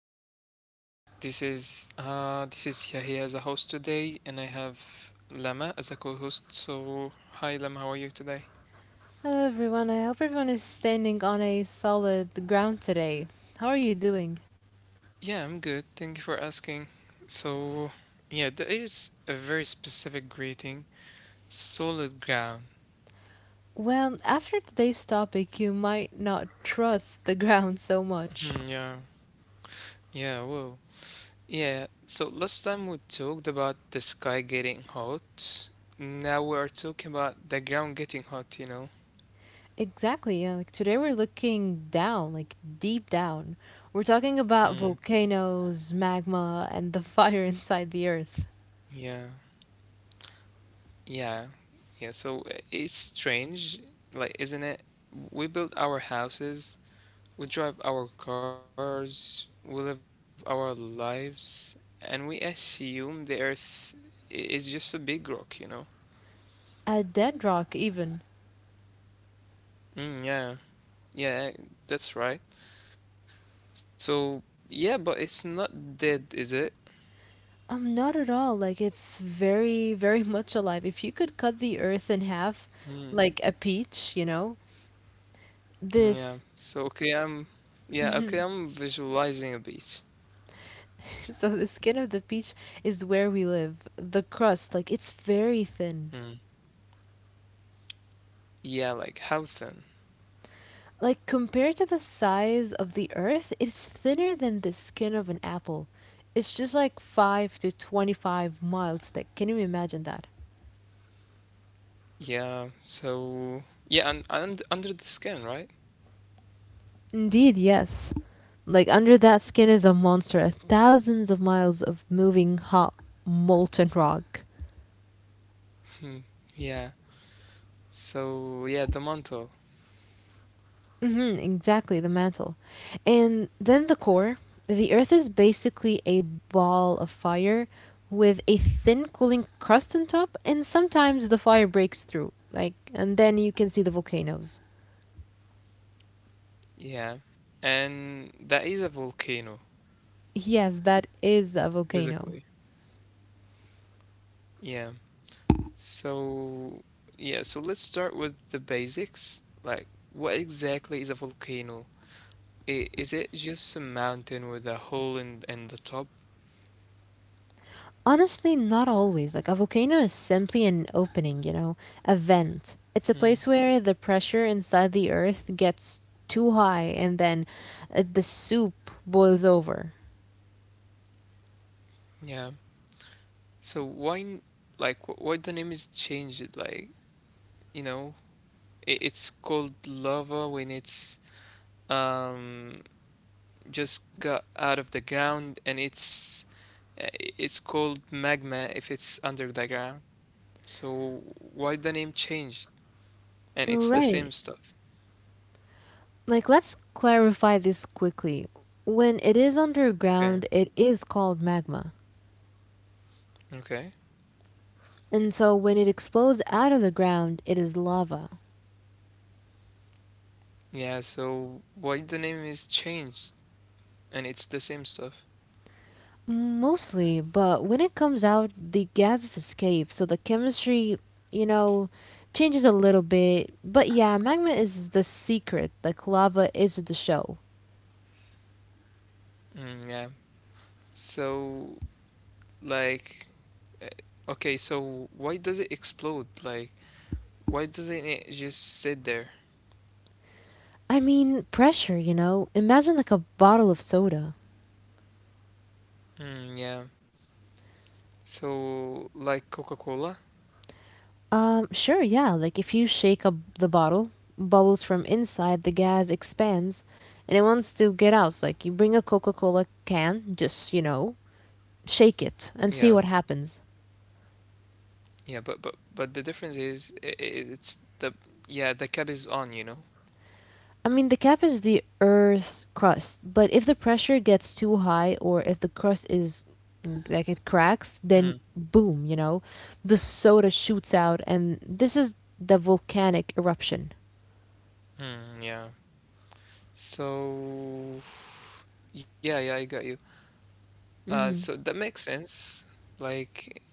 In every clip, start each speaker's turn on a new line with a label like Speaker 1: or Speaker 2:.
Speaker 1: to the show. This is Yahya as a host today, and I have Lama as a co-host. So hi Lama, how are you today? Yeah, I'm good. Thank you for asking. So yeah, there is a very specific greeting. Solid ground. Yeah. Yeah, well. Yeah, so last time we talked about the sky getting hot. Now we are talking about the ground getting hot. Hmm, yeah. Yeah, yeah. So it's strange, like, isn't it? We build our houses, we drive our cars, we live our lives, and we assume the earth is just a big rock, you know? Mm, yeah, that's right. So, yeah, but it's not dead, is it? Mm, yeah. So, okay, yeah, okay, I'm visualizing a beach. Mm. Yeah, like how thin? And under the skin, right? Hmm. Yeah. The mantle. Yeah. And that is a volcano, basically. Yeah. So yeah, so let's start with the basics. Like, what exactly is a volcano? Is it just a mountain with a hole in the top? Hmm. Yeah. So like, why the name is changed? You know. It's called lava when it's um just got out of the ground, and uh, it's called magma if it's under the ground. So why the name changed? And it's the same stuff. Okay. Okay. Yeah, so why the name is changed and it's the same stuff. Yeah. So like uh, okay, so why does it explode? Like why doesn't it just sit there? Yeah. So, like Coca-Cola, yeah, yeah, but the difference is it's the yeah the cap is on, you know. Mm, yeah. So, yeah, I got you. So that makes sense. Like,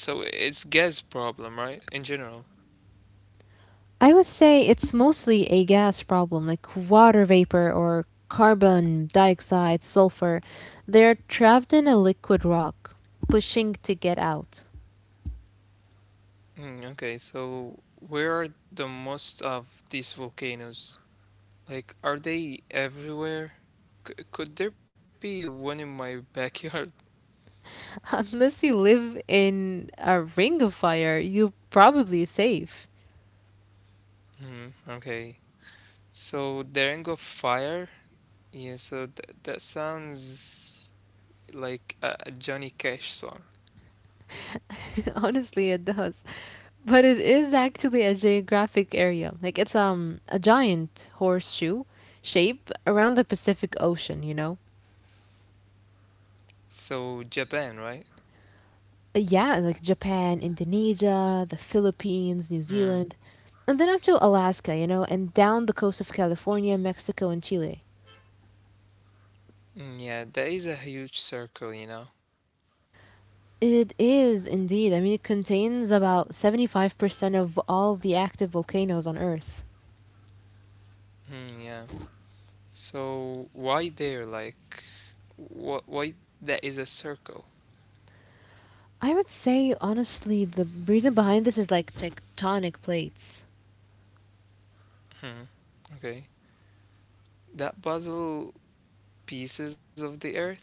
Speaker 1: so it's gas problem, right? In general. Mm, okay, so where are the most of these volcanoes? Like, are they everywhere? C Could there be one in my backyard? Hmm. Okay. So the Ring of Fire, yeah, so th that sounds like a Johnny Cash song. So Japan, right? Mm. Yeah, that is a huge circle, you know. Yeah. So why there? Like, what? Why that is a circle? Hmm. Okay. That puzzle pieces of the Earth.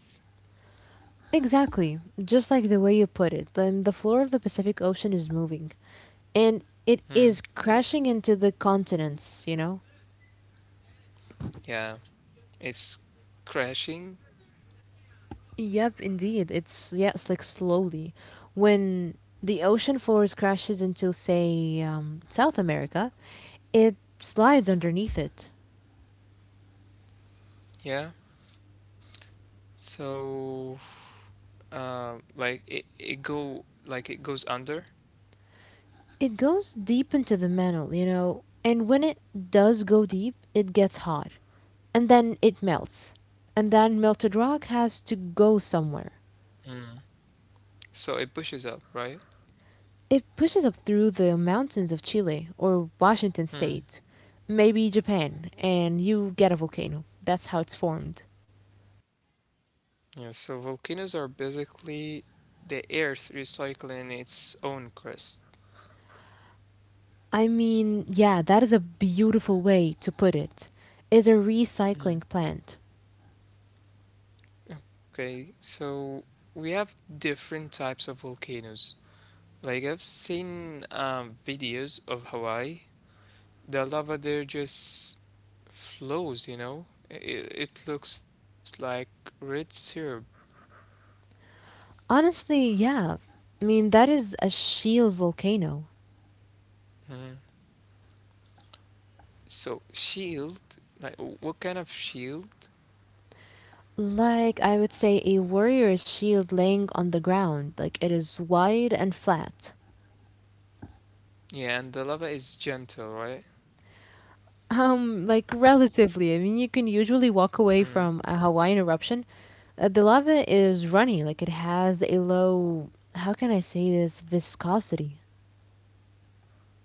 Speaker 1: Hmm. Yeah, it's crashing. Yeah. So. Like it, it go like it goes under. Mm, so it pushes up, right? mm, Yeah, so volcanoes are basically the earth recycling its own crust. Okay, so we have different types of volcanoes. Like I've seen videos of Hawaii. The lava there just flows, you know? It looks like red syrup. So shield, like what kind of shield? Yeah, and the lava is gentle, right? Mm.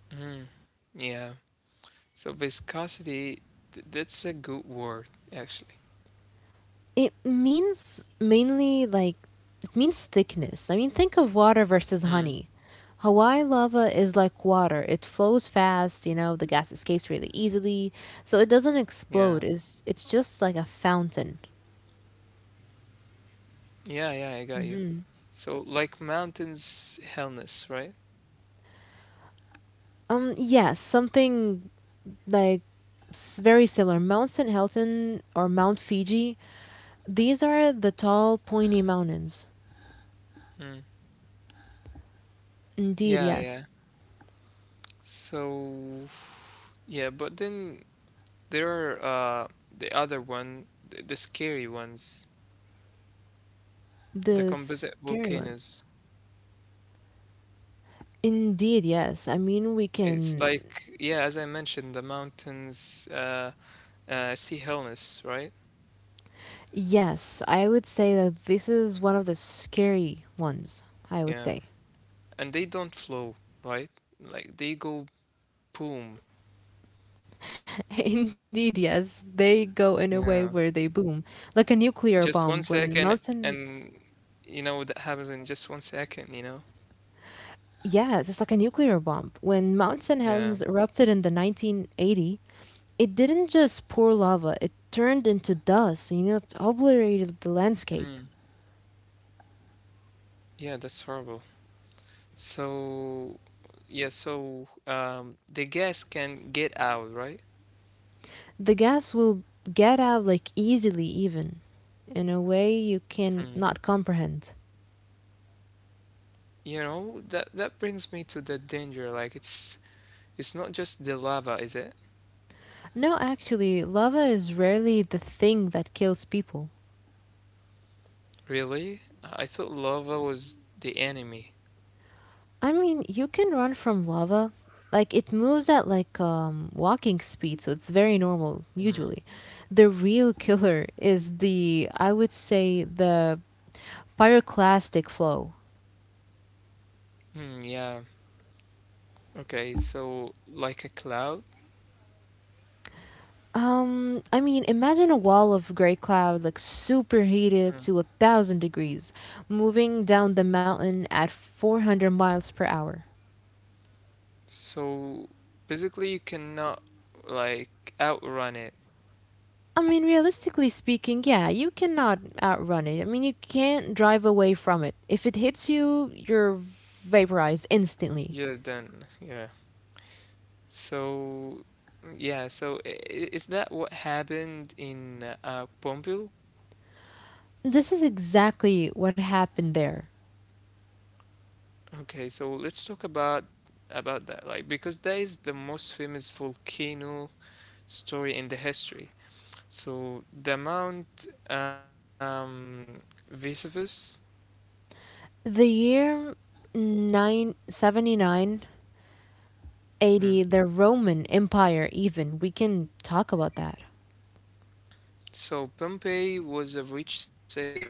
Speaker 1: Mm, yeah. So viscosity, th that's a good word, actually. Mm. Yeah. Yeah, I got you. So like mountains, hellness, right? Mm. Yeah. So yeah, but then there are the other one, the scary ones, the composite volcanoes. It's like, yeah, as I mentioned, the mountains see illness, right? Yeah. And they don't flow, right? Like they go boom.
Speaker 2: Indeed, yes. They go in a way where they
Speaker 1: Yeah.
Speaker 2: boom, like a nuclear bomb
Speaker 1: Just one
Speaker 2: when
Speaker 1: second
Speaker 2: Mountain.
Speaker 1: and that happens in just 1 second, you know?
Speaker 2: Yes, it's like a nuclear bomb. When Mount St.
Speaker 1: Yeah.
Speaker 2: Helens erupted in the 1980, it didn't just pour lava, it turned into dust, it obliterated the
Speaker 1: Mm.
Speaker 2: landscape.
Speaker 1: Yeah, that's horrible. So, yeah, so the gas can get out, right?
Speaker 2: The gas will get out like easily, even in a way you
Speaker 1: Hmm.
Speaker 2: can not comprehend.
Speaker 1: You know, that brings me to the danger. Like it's not just the lava, is it?
Speaker 2: No, actually, lava is rarely the thing that kills people.
Speaker 1: Really? I thought lava was the enemy.
Speaker 2: I mean, you can run from lava. Like it moves at like walking speed, so it's very normal
Speaker 1: Mm.
Speaker 2: usually. The real killer is the, I would say, the pyroclastic flow.
Speaker 1: Hmm, yeah. Okay, so like a cloud?
Speaker 2: I mean, imagine a wall of gray cloud like superheated
Speaker 1: Mm.
Speaker 2: to 1,000 degrees, moving down the mountain at 400 miles per hour.
Speaker 1: So basically you cannot like outrun it.
Speaker 2: I mean, realistically speaking, yeah, you cannot outrun it. I mean, you can't drive away from it. If it hits you, you're vaporized instantly.
Speaker 1: You're done. Yeah. So yeah, so is that what happened in Pompeii?
Speaker 2: This is exactly what happened there.
Speaker 1: Okay, so let's talk about that, like, because that is the most famous volcano story in the history. So the Mount Vesuvius.
Speaker 2: The year nine seventy-nine
Speaker 1: Hmm.
Speaker 2: eighty. The Roman Empire, even, we can talk about that.
Speaker 1: So Pompeii was a rich city, right?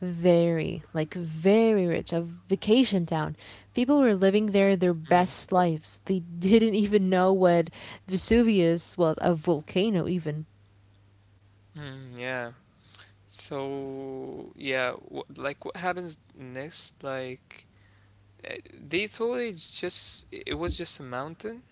Speaker 2: Very, like, very rich, a vacation town. People were living there their
Speaker 1: Mm.
Speaker 2: best lives. They didn't even know what Vesuvius was, a volcano, even.
Speaker 1: Yeah. So yeah, like what happens next? Like uh, they thought it was just a mountain.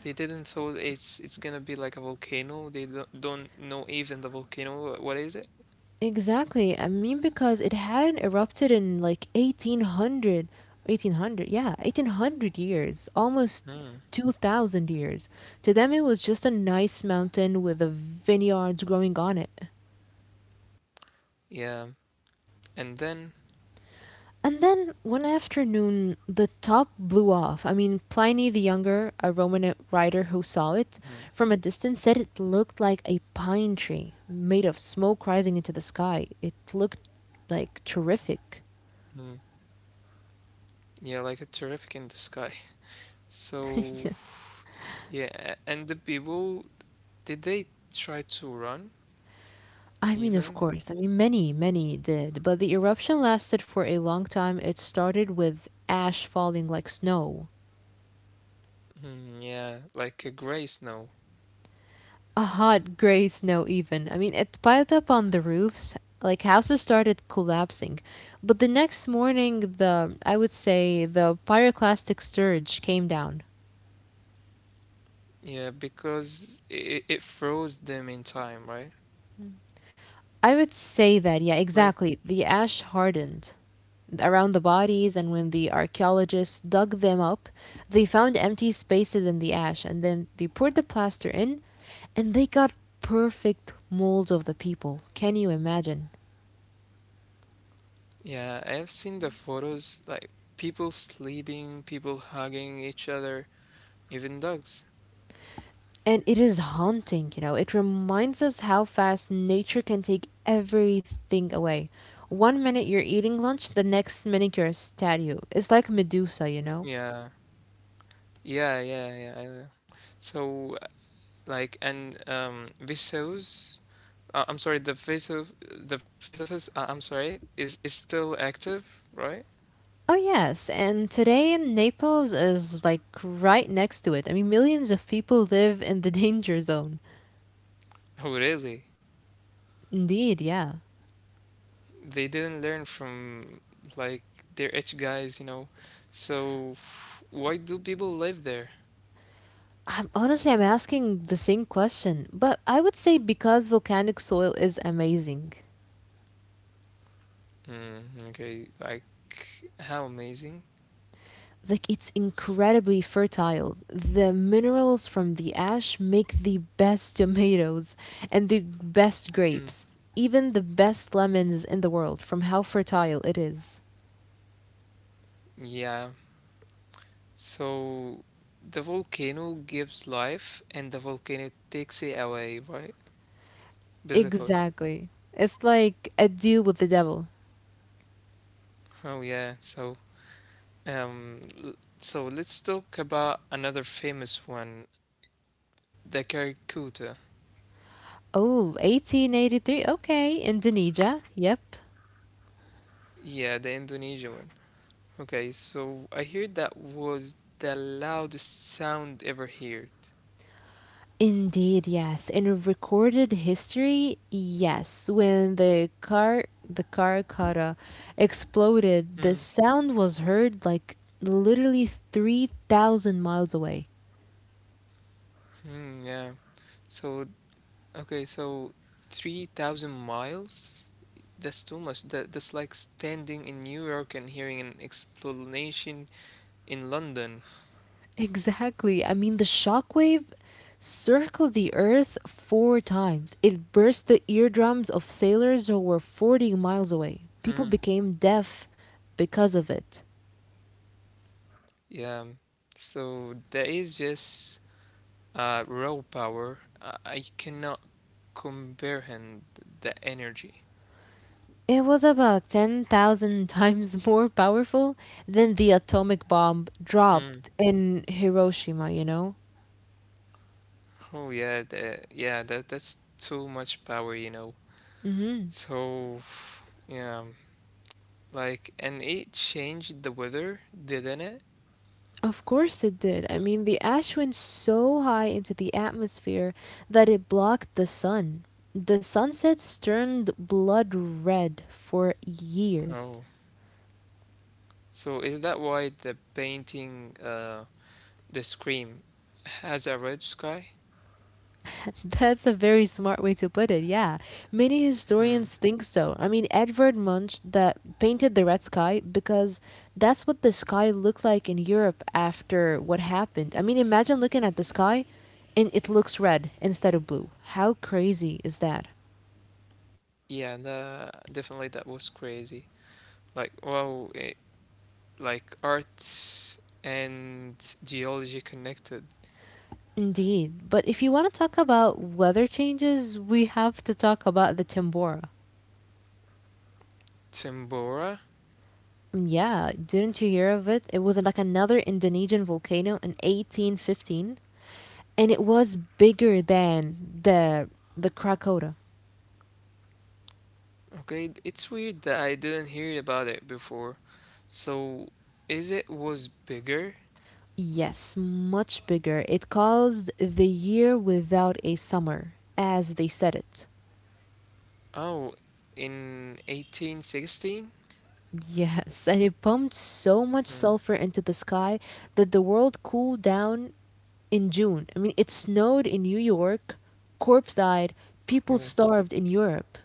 Speaker 1: They didn't thought it's gonna be like a volcano. They don't know even the volcano. What is it?
Speaker 2: Exactly. I mean, because it hadn't erupted in like eighteen hundred. Yeah, 1800 years, almost
Speaker 1: Hmm.
Speaker 2: 2000 years. To them, it was just a nice mountain with the vineyards growing on it.
Speaker 1: Yeah, and then.
Speaker 2: And then one afternoon, the top blew off. I mean, Pliny the Younger, a Roman writer who saw it
Speaker 1: Hmm.
Speaker 2: from a distance, said it looked like a pine tree made of smoke rising into the sky. It looked like terrific.
Speaker 1: Hmm. Yeah, like a terrific in the sky. So Yeah, and the people, did they try to run
Speaker 2: I mean, of
Speaker 1: even?
Speaker 2: course. I mean, many, many did, but the eruption lasted for a long time. It started with ash falling like snow,
Speaker 1: Hmm, yeah, like a gray snow.
Speaker 2: a hot gray snow, even. I mean, it piled up on the roofs, like houses started collapsing. But the next morning, I would say, the pyroclastic surge came down.
Speaker 1: Yeah, because it froze them in time, right?
Speaker 2: I would say that,
Speaker 1: Like,
Speaker 2: yeah, exactly. The ash
Speaker 1: Mm.
Speaker 2: hardened around the bodies, and when the archaeologists dug them up, they found empty spaces in the ash, and then they poured the plaster in, and they got perfect molds of the people. Can you imagine?
Speaker 1: yeah, I have seen the photos, like people sleeping, people hugging each other, even dogs.
Speaker 2: And it is haunting. It reminds us how fast nature can take everything away. One minute you're eating lunch, the next minute you're a statue. It's like Medusa.
Speaker 1: Yeah, yeah. I know. So, like, and Vsauce, I'm sorry, the Vesuv, the Vesuvius, is still active, right?
Speaker 2: Oh, yes. And today in Naples is like right next to it. I mean, millions of people live in the danger zone.
Speaker 1: Oh, really?
Speaker 2: Indeed, yeah.
Speaker 1: They didn't learn from like their edge guys, you know. So why do people live there?
Speaker 2: Honestly, I'm asking the same question, but I would say because volcanic soil is amazing,
Speaker 1: Mm, okay, like how amazing.
Speaker 2: like it's incredibly fertile. The minerals from the ash make the best tomatoes and the best
Speaker 1: Mm,
Speaker 2: grapes, even the best lemons in the world from how fertile it is.
Speaker 1: yeah. So the volcano gives life and the volcano takes it away, right? Basically.
Speaker 2: Exactly. It's like a deal with the devil.
Speaker 1: Oh yeah. So um l- so let's talk about another famous one, the Karakuta.
Speaker 2: Oh, 1883. Okay, Indonesia. Yep.
Speaker 1: Yeah, the Indonesian one. Okay, so I heard that was the loudest sound ever heard.
Speaker 2: Indeed, yes. In recorded history, yes. When the Karakara
Speaker 1: Hmm.
Speaker 2: exploded, the sound was heard like literally 3,000 miles away.
Speaker 1: Yeah. So, okay, so 3,000 miles? That's too much. That that's like standing in New York and hearing an explanation in London.
Speaker 2: Exactly. I mean, the shockwave circled the earth four times. It burst the eardrums of sailors who were 40 miles away.
Speaker 1: Hmm.
Speaker 2: People became deaf because of it.
Speaker 1: Yeah. So that is just raw power. I cannot comprehend the energy.
Speaker 2: It was about 10,000 times more powerful than the atomic bomb dropped in Hiroshima, you know?
Speaker 1: Oh yeah, that yeah, that that's too much power, you know.
Speaker 2: Hmm.
Speaker 1: So yeah, like and it changed the weather, didn't it?
Speaker 2: Of course it did. I mean, the ash went so high into the atmosphere that it blocked the sun. The sunsets turned blood red for years.
Speaker 1: Oh. So is that why the painting the Scream has a red sky?
Speaker 2: That's a very smart way to put it, yeah. Many
Speaker 1: Hmm.
Speaker 2: historians think so. I mean, Edvard Munch that painted the red sky because that's what the sky looked like in Europe after what happened. I mean, imagine looking at the sky and it looks red instead of blue. How crazy is that?
Speaker 1: Yeah, the definitely that was crazy. Like wow, it like arts and geology connected.
Speaker 2: Indeed. But if you want to talk about weather changes, we have to talk about the Tambora.
Speaker 1: Tambora?
Speaker 2: Yeah, didn't you hear of it? It was like another Indonesian volcano in 1815 and it was bigger than the the Krakota.
Speaker 1: Okay, it's weird that I didn't hear about it before. So, is it was bigger?
Speaker 2: Yes, much bigger. It caused the year without a summer, as they said it.
Speaker 1: Oh, in 1816?
Speaker 2: Yes, and it pumped so much
Speaker 1: Hmm.
Speaker 2: sulfur into the sky that the world cooled down in June. I mean, it snowed in New York, corpse died, people
Speaker 1: Oh,
Speaker 2: starved in Europe.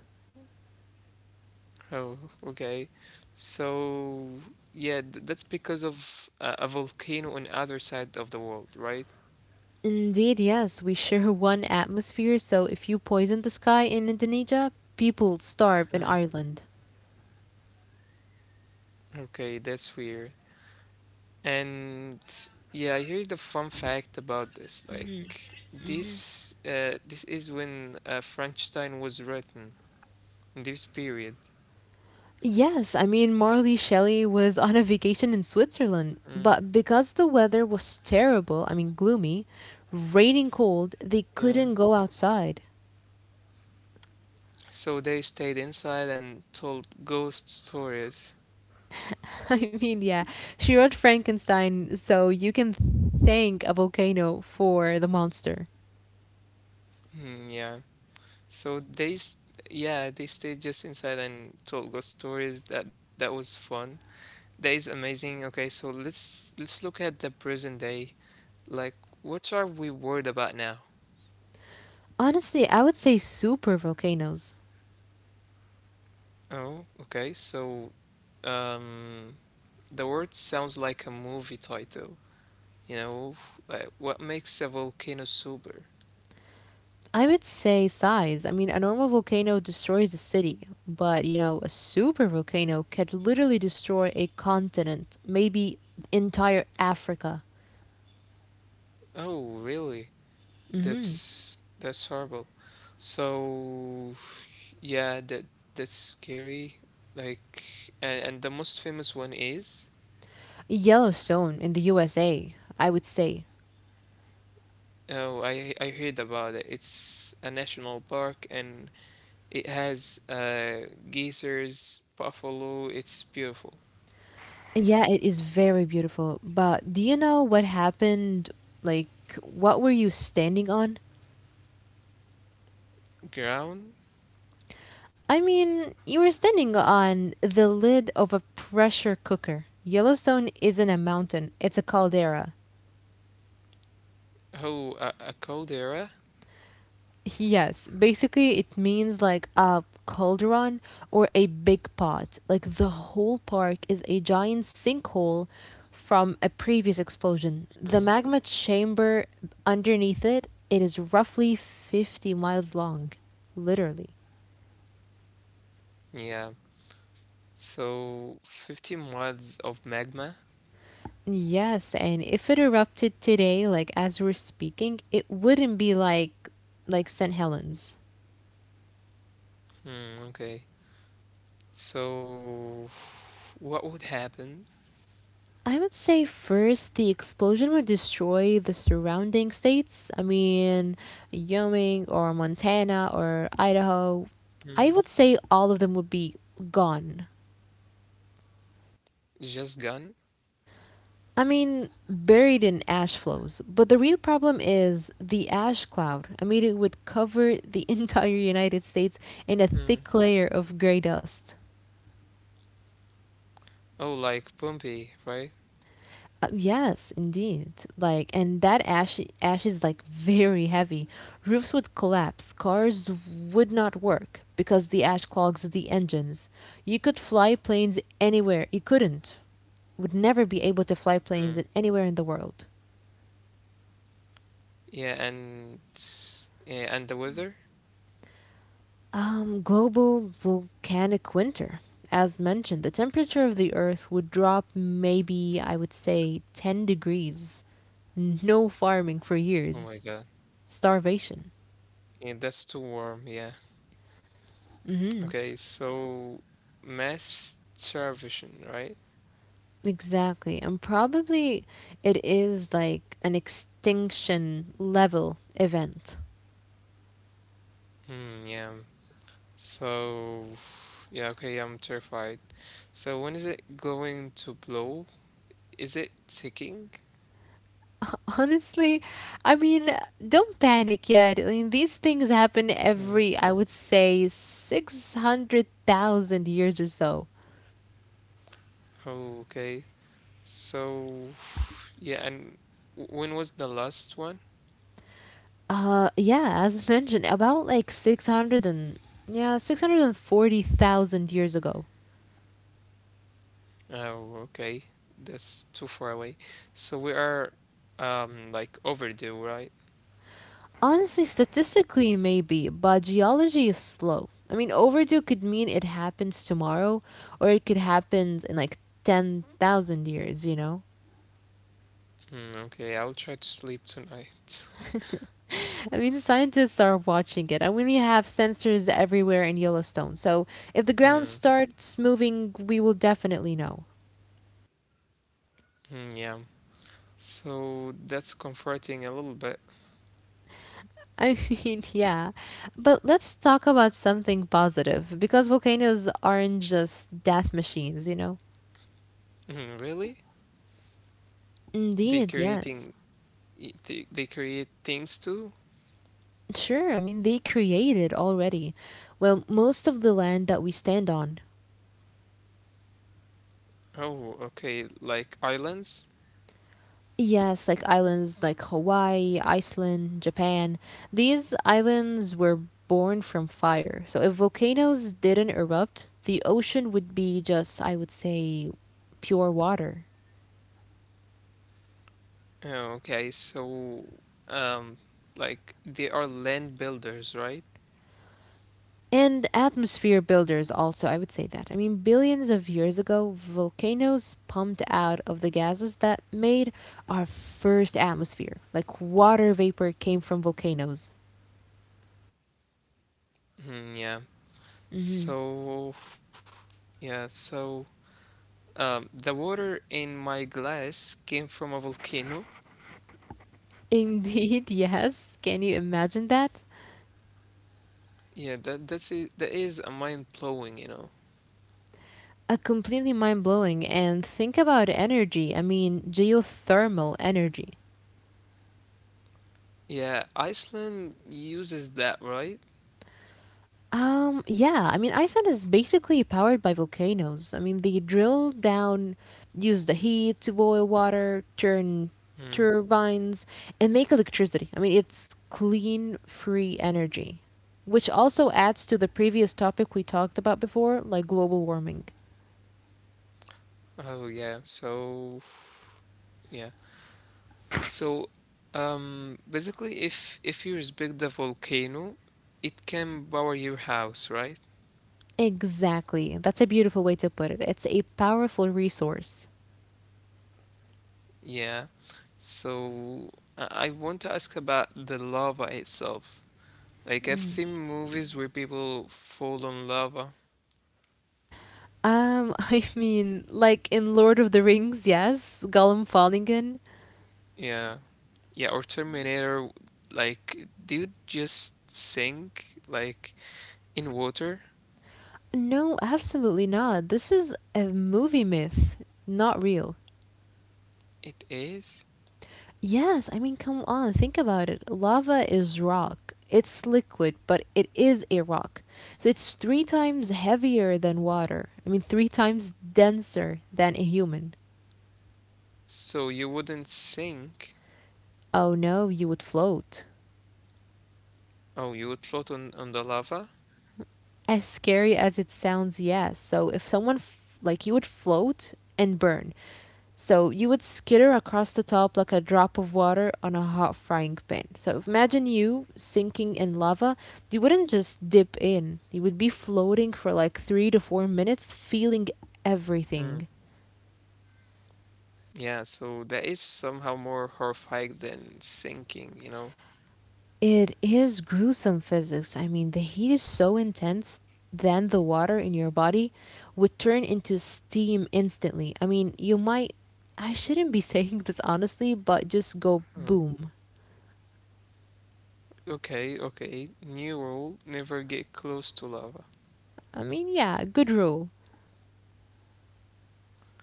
Speaker 1: oh, okay. So, yeah, th that's because of a volcano on other side of the world, right?
Speaker 2: Indeed, yes, we share one atmosphere, so if you poison the sky in Indonesia, people starve in
Speaker 1: Hmm.
Speaker 2: Ireland.
Speaker 1: Okay, that's weird. And yeah, I heard a fun fact about this. Like this, this is when Frankenstein was written in this period.
Speaker 2: Yes, I mean, Marley Shelley was on a vacation in Switzerland, but because the weather was terrible, I mean, gloomy, raining cold, they
Speaker 1: Yeah.
Speaker 2: couldn't go outside.
Speaker 1: So they stayed inside and told ghost stories.
Speaker 2: I mean, yeah, she wrote Frankenstein, so you can thank a volcano for the monster.
Speaker 1: Yeah. So yeah, they stayed just inside and told ghost stories. That that was fun. That is amazing. Okay, so let's look at the present day. Like, what are we worried about now?
Speaker 2: Honestly, I would say super volcanoes.
Speaker 1: Oh, okay. So, um, the word sounds like a movie title. You know, like, what makes a volcano super?
Speaker 2: I would say size. I mean, a normal volcano destroys a city, but a super volcano could literally destroy a continent, maybe entire Africa.
Speaker 1: Oh, really?
Speaker 2: Hmm.
Speaker 1: That's horrible. So yeah, that that's scary. Like and the most famous one is
Speaker 2: Yellowstone in the USA, I would say.
Speaker 1: oh I heard about it. It's a national park, and it has geysers, buffalo. It's beautiful
Speaker 2: Yeah, it is very beautiful. But do you know what happened? Like, what were you standing on?
Speaker 1: ground.
Speaker 2: I mean, you were standing on the lid of a pressure cooker. Yellowstone isn't a mountain, it's a caldera.
Speaker 1: Oh, a caldera.
Speaker 2: Yes, basically it means like a cauldron or a big pot. Like the whole park is a giant sinkhole from a previous explosion. The
Speaker 1: Mhm.
Speaker 2: magma chamber underneath it, it is roughly 50 miles long, literally.
Speaker 1: Yeah. So 15 watts of magma.
Speaker 2: Yes, and if it erupted today, like as we're speaking, it wouldn't be like St. Helens.
Speaker 1: Hmm, okay. So what would happen?
Speaker 2: I would say first the explosion would destroy the surrounding states. I mean, Wyoming or Montana or Idaho. I would say all of them would be gone.
Speaker 1: Just gun?
Speaker 2: I mean, buried in ash flows. But the real problem is the ash cloud. I mean, it would cover the entire United States in a
Speaker 1: Mm.
Speaker 2: thick layer of gray dust.
Speaker 1: Oh, like Pompey, right?
Speaker 2: Yes, indeed. Like, and that ash is like very heavy. Roofs would collapse, cars would not work because the ash clogs the engines. You could fly planes anywhere. You couldn't, would never be able to fly planes
Speaker 1: Mm.
Speaker 2: anywhere in the world.
Speaker 1: Yeah, and yeah, and the weather?
Speaker 2: Global volcanic winter. As mentioned, the temperature of the Earth would drop maybe, I would say, 10 degrees. No farming for
Speaker 1: Oh my
Speaker 2: years.
Speaker 1: God.
Speaker 2: Starvation.
Speaker 1: Yeah, that's too warm. Yeah.
Speaker 2: Mm-hmm.
Speaker 1: Okay, so mass starvation, right?
Speaker 2: Exactly. And probably it is like an extinction level event.
Speaker 1: Hmm, yeah. So, yeah, okay, I'm terrified. So when is it going to blow? Is it ticking?
Speaker 2: Honestly, I mean, don't panic yet. I mean, these things happen
Speaker 1: Hmm.
Speaker 2: every, I would say, 600,000 years or so.
Speaker 1: Oh, okay. So, yeah, and when was the last one?
Speaker 2: Yeah, as mentioned, about like 600 and, yeah, 640,000 years ago.
Speaker 1: Oh, okay. That's too far away. So we are like overdue, right?
Speaker 2: Honestly, statistically, maybe, but geology is slow. I mean, overdue could mean it happens tomorrow, or it could happen in like 10,000 years, you know?
Speaker 1: Mm, okay, I'll try to sleep tonight.
Speaker 2: I mean, scientists are watching it, and we have sensors everywhere in Yellowstone, so if the ground
Speaker 1: Hmm.
Speaker 2: starts moving, we will definitely know.
Speaker 1: Yeah. So that's comforting a little bit.
Speaker 2: I mean, yeah. But let's talk about something positive, because volcanoes aren't just death machines, you know?
Speaker 1: Mm, really? They
Speaker 2: Indeed, yes.
Speaker 1: creating they create things too?
Speaker 2: Sure, I mean, they created already. Well, most of the land that we stand on.
Speaker 1: Oh, okay, like islands?
Speaker 2: Yes, like islands like Hawaii, Iceland, Japan. These islands were born from fire. So if volcanoes didn't erupt, the ocean would be just, I would say, pure water.
Speaker 1: Oh, okay. So um like they are land builders, right?
Speaker 2: And atmosphere builders, also, I would say that. I mean, billions of years ago, volcanoes pumped out of the gases that made our first atmosphere. Like water vapor came from volcanoes.
Speaker 1: Yeah.
Speaker 2: Hmm.
Speaker 1: So yeah, so um, the water in my glass came from a volcano.
Speaker 2: Indeed, yes. Can you imagine that?
Speaker 1: Yeah, that that's it. That is a mind blowing, you know.
Speaker 2: A completely mind blowing. And think about energy. I mean, geothermal energy.
Speaker 1: Yeah, Iceland uses that, right?
Speaker 2: Yeah, I mean, Iceland is basically powered by volcanoes. I mean, they drill down, use the heat to boil water, turn
Speaker 1: Mm.
Speaker 2: turbines, and make electricity. I mean, it's clean, free energy, which also adds to the previous topic we talked about before, like global warming.
Speaker 1: Oh yeah. So yeah. So basically, if you respect the volcano, it can power your house, right?
Speaker 2: Exactly. That's a beautiful way to put it. It's a powerful resource.
Speaker 1: Yeah. So I want to ask about the lava itself. Like I've
Speaker 2: Mm.
Speaker 1: seen movies where people fall on lava.
Speaker 2: I mean, like in Lord of the Rings, yes, Gollum Fawningen.
Speaker 1: Yeah. Yeah, or Terminator, like, dude just sink, like, in water.
Speaker 2: No, absolutely not. This is a movie myth, not real.
Speaker 1: It is.
Speaker 2: Yes, I mean, come on, think about it. Lava is rock. It's liquid, but it is a rock. So it's three times heavier than water. I mean, three times denser than a human.
Speaker 1: So you wouldn't sink.
Speaker 2: Oh no, you would float.
Speaker 1: Oh, you would float on the lava?
Speaker 2: As scary as it sounds, yes. So if someone, like, you would float and burn. So you would skitter across the top like a drop of water on a hot frying pan. So imagine you sinking in lava. You wouldn't just dip in, you would be floating for like 3 to 4 minutes, feeling
Speaker 1: Hmm.
Speaker 2: everything.
Speaker 1: Yeah, so that is somehow more horrifying than sinking, you know?
Speaker 2: It is gruesome physics. I mean, the heat is so intense, then the water in your body would turn into steam instantly. I mean, you might. I shouldn't be saying this honestly, but just go
Speaker 1: Hmm.
Speaker 2: boom.
Speaker 1: Okay, okay. New rule, never get close to lava.
Speaker 2: I mean, yeah, good rule.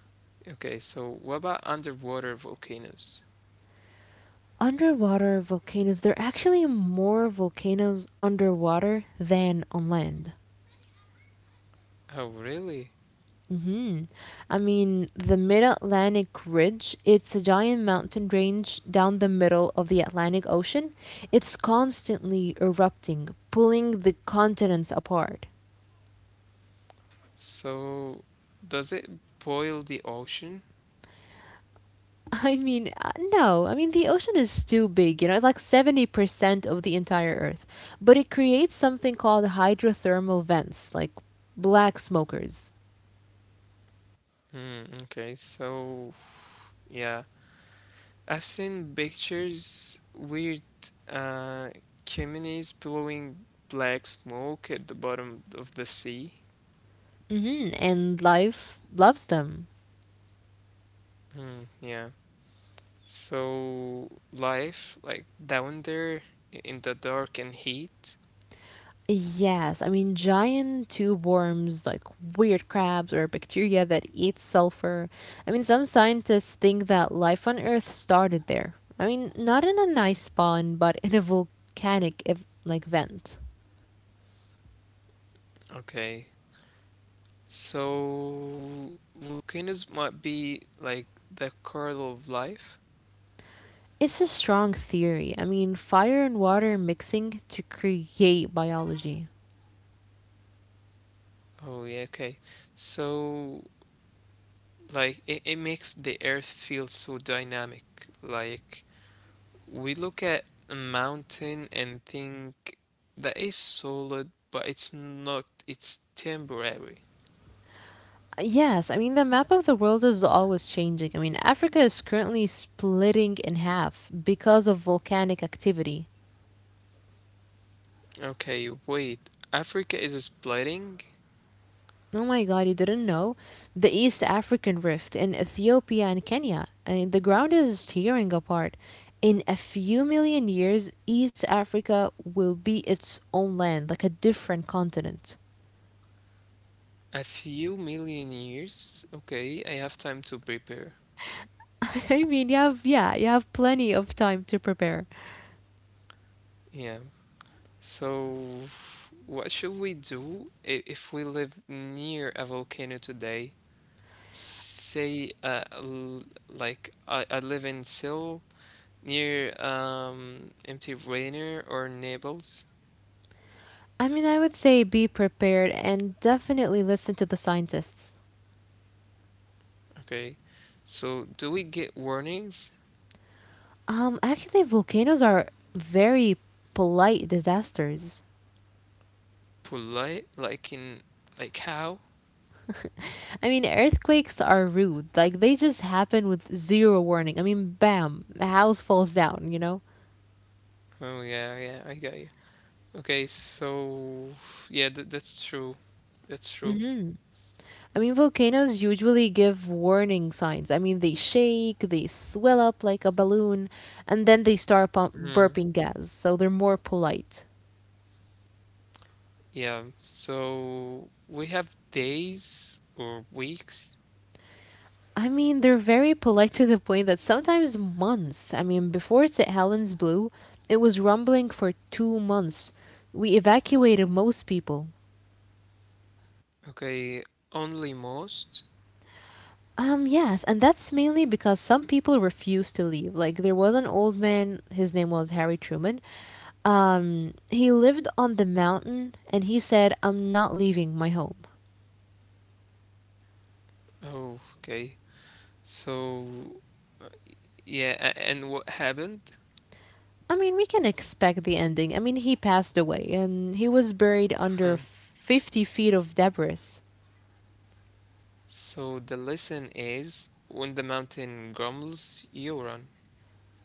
Speaker 1: Okay, so what about underwater volcanoes?
Speaker 2: Underwater volcanoes, there are actually more volcanoes underwater than on land.
Speaker 1: Oh, really?
Speaker 2: hmm I mean, the mid-Atlantic ridge, it's a giant mountain range down the middle of the Atlantic Ocean. It's constantly erupting, pulling the continents apart.
Speaker 1: So, does it boil the ocean?
Speaker 2: I mean. No, I mean, the ocean is too big, it's like 70% of the entire earth, but it creates something called hydrothermal vents, like black smokers.
Speaker 1: Hmm, okay, so yeah, I've seen pictures, weird uh chimneys blowing black smoke at the bottom of the sea.
Speaker 2: And life loves them.
Speaker 1: Hmm, yeah. So life like down there in the dark and heat.
Speaker 2: Yes, I mean, giant tube worms, like weird crabs or bacteria that eat sulfur. I mean, some scientists think that life on Earth started there. I mean, not in an ice pond, but in a volcanic like vent.
Speaker 1: Okay. So volcanoes might be like the kernel of life.
Speaker 2: It's a strong theory. I mean, fire and water mixing to create biology.
Speaker 1: Oh yeah, okay. So it, it makes the earth feel so dynamic. Like we look at a mountain and think that is solid, but it's not. It's temporary.
Speaker 2: Yes, I mean, the map of the world is always changing. I mean, Africa is currently splitting in half because of volcanic activity.
Speaker 1: Okay, wait. Africa is splitting
Speaker 2: Oh my god, you didn't know? The East African Rift in Ethiopia and Kenya. I mean, the ground is tearing apart. In a few million years, East Africa will be its own land, like a different continent.
Speaker 1: a few million years. Okay, I have time to prepare.
Speaker 2: I mean, you have, yeah, you have plenty of time to prepare.
Speaker 1: Yeah. So, what should we do if we live near a volcano today? Say, like I live in Seoul. Near empty Rainer or Naples.
Speaker 2: I mean, I would say be prepared and definitely listen to the scientists.
Speaker 1: Okay. So do we get warnings?
Speaker 2: Actually, volcanoes are very polite disasters.
Speaker 1: Polite, like in, like how?
Speaker 2: I mean, earthquakes are rude. Like, they just happen with zero warning. I mean, bam, a house falls down, you know?
Speaker 1: Oh yeah, I got you. Okay, so yeah, th that's true. That's true.
Speaker 2: hmm I mean, volcanoes usually give warning signs. I mean, they shake, they swell up like a balloon, and then they start
Speaker 1: Mhm.
Speaker 2: burping gas, so they're more polite.
Speaker 1: Yeah, so we have days or weeks.
Speaker 2: I mean, they're very polite to the point that sometimes months. I mean, before St. Helens blew, it was rumbling for 2 months. We evacuated most people.
Speaker 1: Okay, only most.
Speaker 2: Yes, and that's mainly because some people refused to leave. Like, there was an old man, his name was Harry Truman. He lived on the mountain and he said, I'm not leaving my home.
Speaker 1: Oh, okay. So yeah, and what happened?
Speaker 2: I mean, we can expect the ending. I mean, he passed away and he was buried under 50 feet of debris.
Speaker 1: So the lesson is when the mountain grumbles, you run.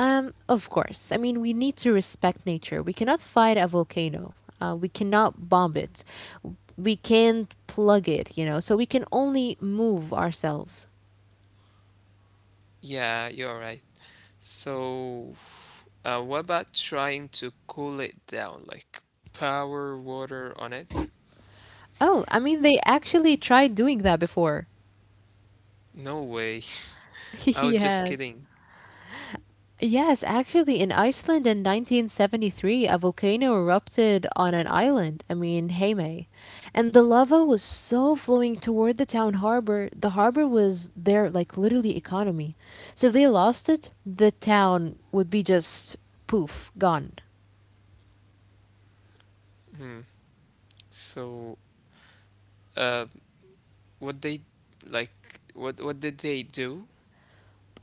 Speaker 2: Of course. I mean, we need to respect nature. We cannot fight a volcano. We cannot bomb it. We can't plug it, you know, so we can only move ourselves.
Speaker 1: Yeah, you're right. So, what about trying to cool it down, like pour water on it?
Speaker 2: Oh, I mean, they actually tried doing that before.
Speaker 1: No way. I was just
Speaker 2: Yes.
Speaker 1: kidding.
Speaker 2: Yes, actually, in Iceland in 1973, a volcano erupted on an island, I mean, Heimei, and the lava was so flowing toward the town harbor. The harbor was their, like, literally economy. So if they lost it, the town would be just poof, gone.
Speaker 1: Hmm. So, uh, what they like, what did they do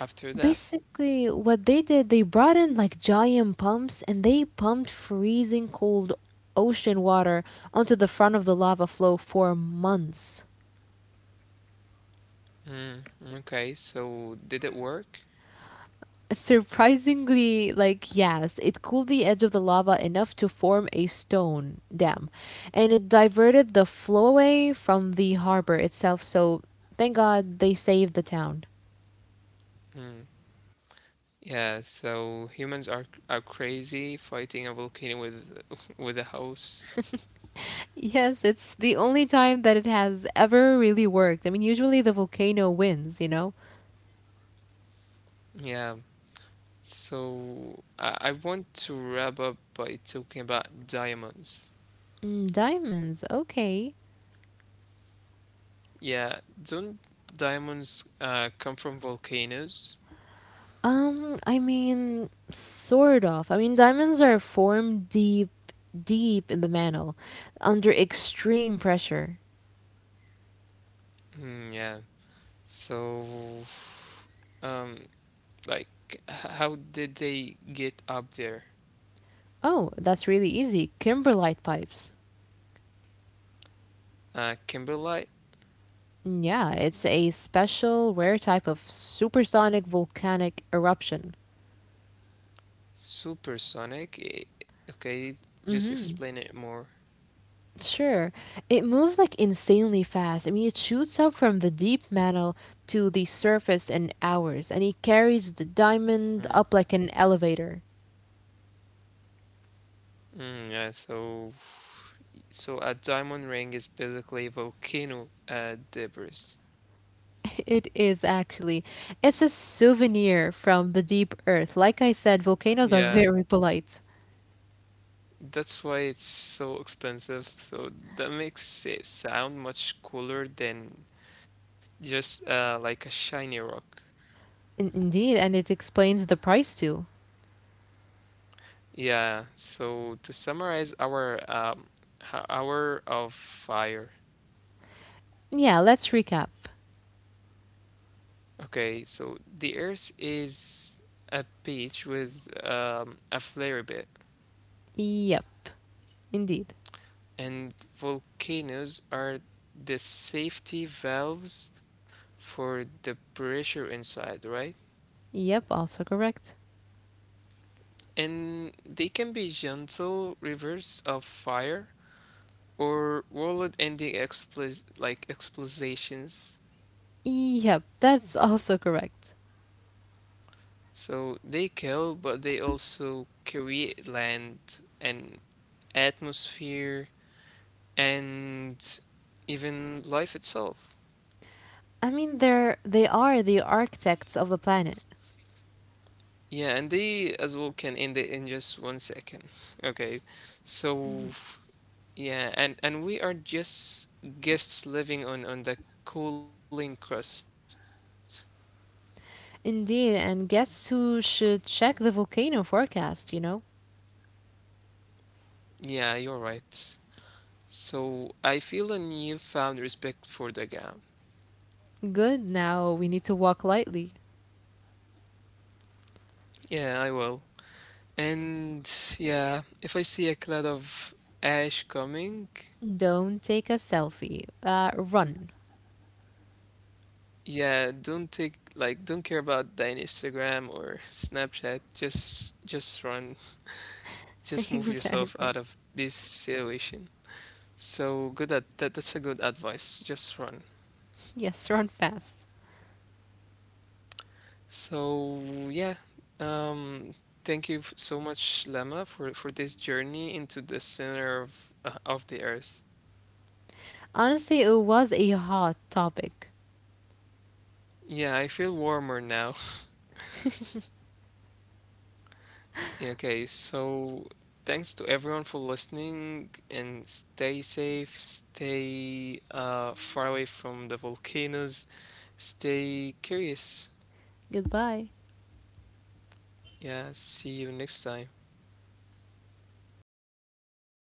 Speaker 1: after that?
Speaker 2: Basically, what they did, they brought in like giant pumps and they pumped freezing cold ocean water onto the front of the lava flow for months.
Speaker 1: Hmm. Okay. So, did it work?
Speaker 2: Surprisingly, like, yes, it cooled the edge of the lava enough to form a stone dam, and it diverted the flow away from the harbor itself, so thank god they saved the town.
Speaker 1: Hmm. Yeah. So humans are crazy fighting a volcano with with a house.
Speaker 2: Yes, it's the only time that it has ever really worked. I mean, usually the volcano wins, you know.
Speaker 1: Yeah, so I want to wrap up by talking about diamonds.
Speaker 2: Mm, diamonds, okay.
Speaker 1: Yeah, don't diamonds come from volcanoes?
Speaker 2: I mean, sort of. I mean, diamonds are formed deep, deep in the mantle, under extreme pressure.
Speaker 1: Yeah. So, um, like, how did they get up there?
Speaker 2: Oh, that's really easy. Kimberlite pipes.
Speaker 1: Kimberlite,
Speaker 2: Mm, yeah, it's a special rare type of supersonic volcanic eruption.
Speaker 1: supersonic. Okay,
Speaker 2: mm
Speaker 1: just
Speaker 2: hmm
Speaker 1: explain it more.
Speaker 2: Sure. It moves like insanely fast. I mean, it shoots up from the deep mantle to the surface in hours, and it carries the diamond
Speaker 1: Mm.
Speaker 2: up like an elevator.
Speaker 1: Yeah. So, so a diamond ring is basically volcano debris.
Speaker 2: It is, actually. It's a souvenir from the deep earth. Like I said, volcanoes are
Speaker 1: Yeah.
Speaker 2: very polite.
Speaker 1: That's why it's so expensive. So that makes it sound much cooler than just like a shiny rock.
Speaker 2: Indeed, and it explains the price too.
Speaker 1: Yeah. So to summarize our hour of fire.
Speaker 2: Yeah, let's recap.
Speaker 1: Okay. So the Earth is a beach with a flare bit,
Speaker 2: Yep, indeed.
Speaker 1: and volcanoes are the safety valves for the pressure inside, right?
Speaker 2: Yep, also correct.
Speaker 1: And they can be gentle rivers of fire or world-ending explos like explosions.
Speaker 2: Yep, that's also correct.
Speaker 1: So they kill, but they also create land and atmosphere and even life itself.
Speaker 2: I mean, they are the architects of the planet.
Speaker 1: Yeah, and they as well can end it in just 1 second. Okay,
Speaker 2: Mhm.
Speaker 1: so yeah, and we are just guests living on the cooling crust.
Speaker 2: Indeed, and guess who should check the volcano forecast, you know?
Speaker 1: Yeah, you're right. So I feel a newfound respect for the ground.
Speaker 2: Good, now we need to walk lightly.
Speaker 1: Yeah, I will. And yeah, if I see a cloud of ash coming,
Speaker 2: Don't take a selfie. Run.
Speaker 1: yeah, don't take like don't care about the Instagram or Snapchat. Just run. Just move yourself out
Speaker 2: Exactly.
Speaker 1: of this situation. So good at that's a good advice. Just run.
Speaker 2: Yes, run fast.
Speaker 1: So yeah, um, thank you so much, Lemma, for this journey into the center of the Earth.
Speaker 2: Honestly, it was a hot topic.
Speaker 1: Yeah, I feel warmer now. Okay, so thanks to everyone for listening, and stay safe, stay far away from the volcanoes, stay curious.
Speaker 2: Goodbye.
Speaker 1: Yeah, see you next time.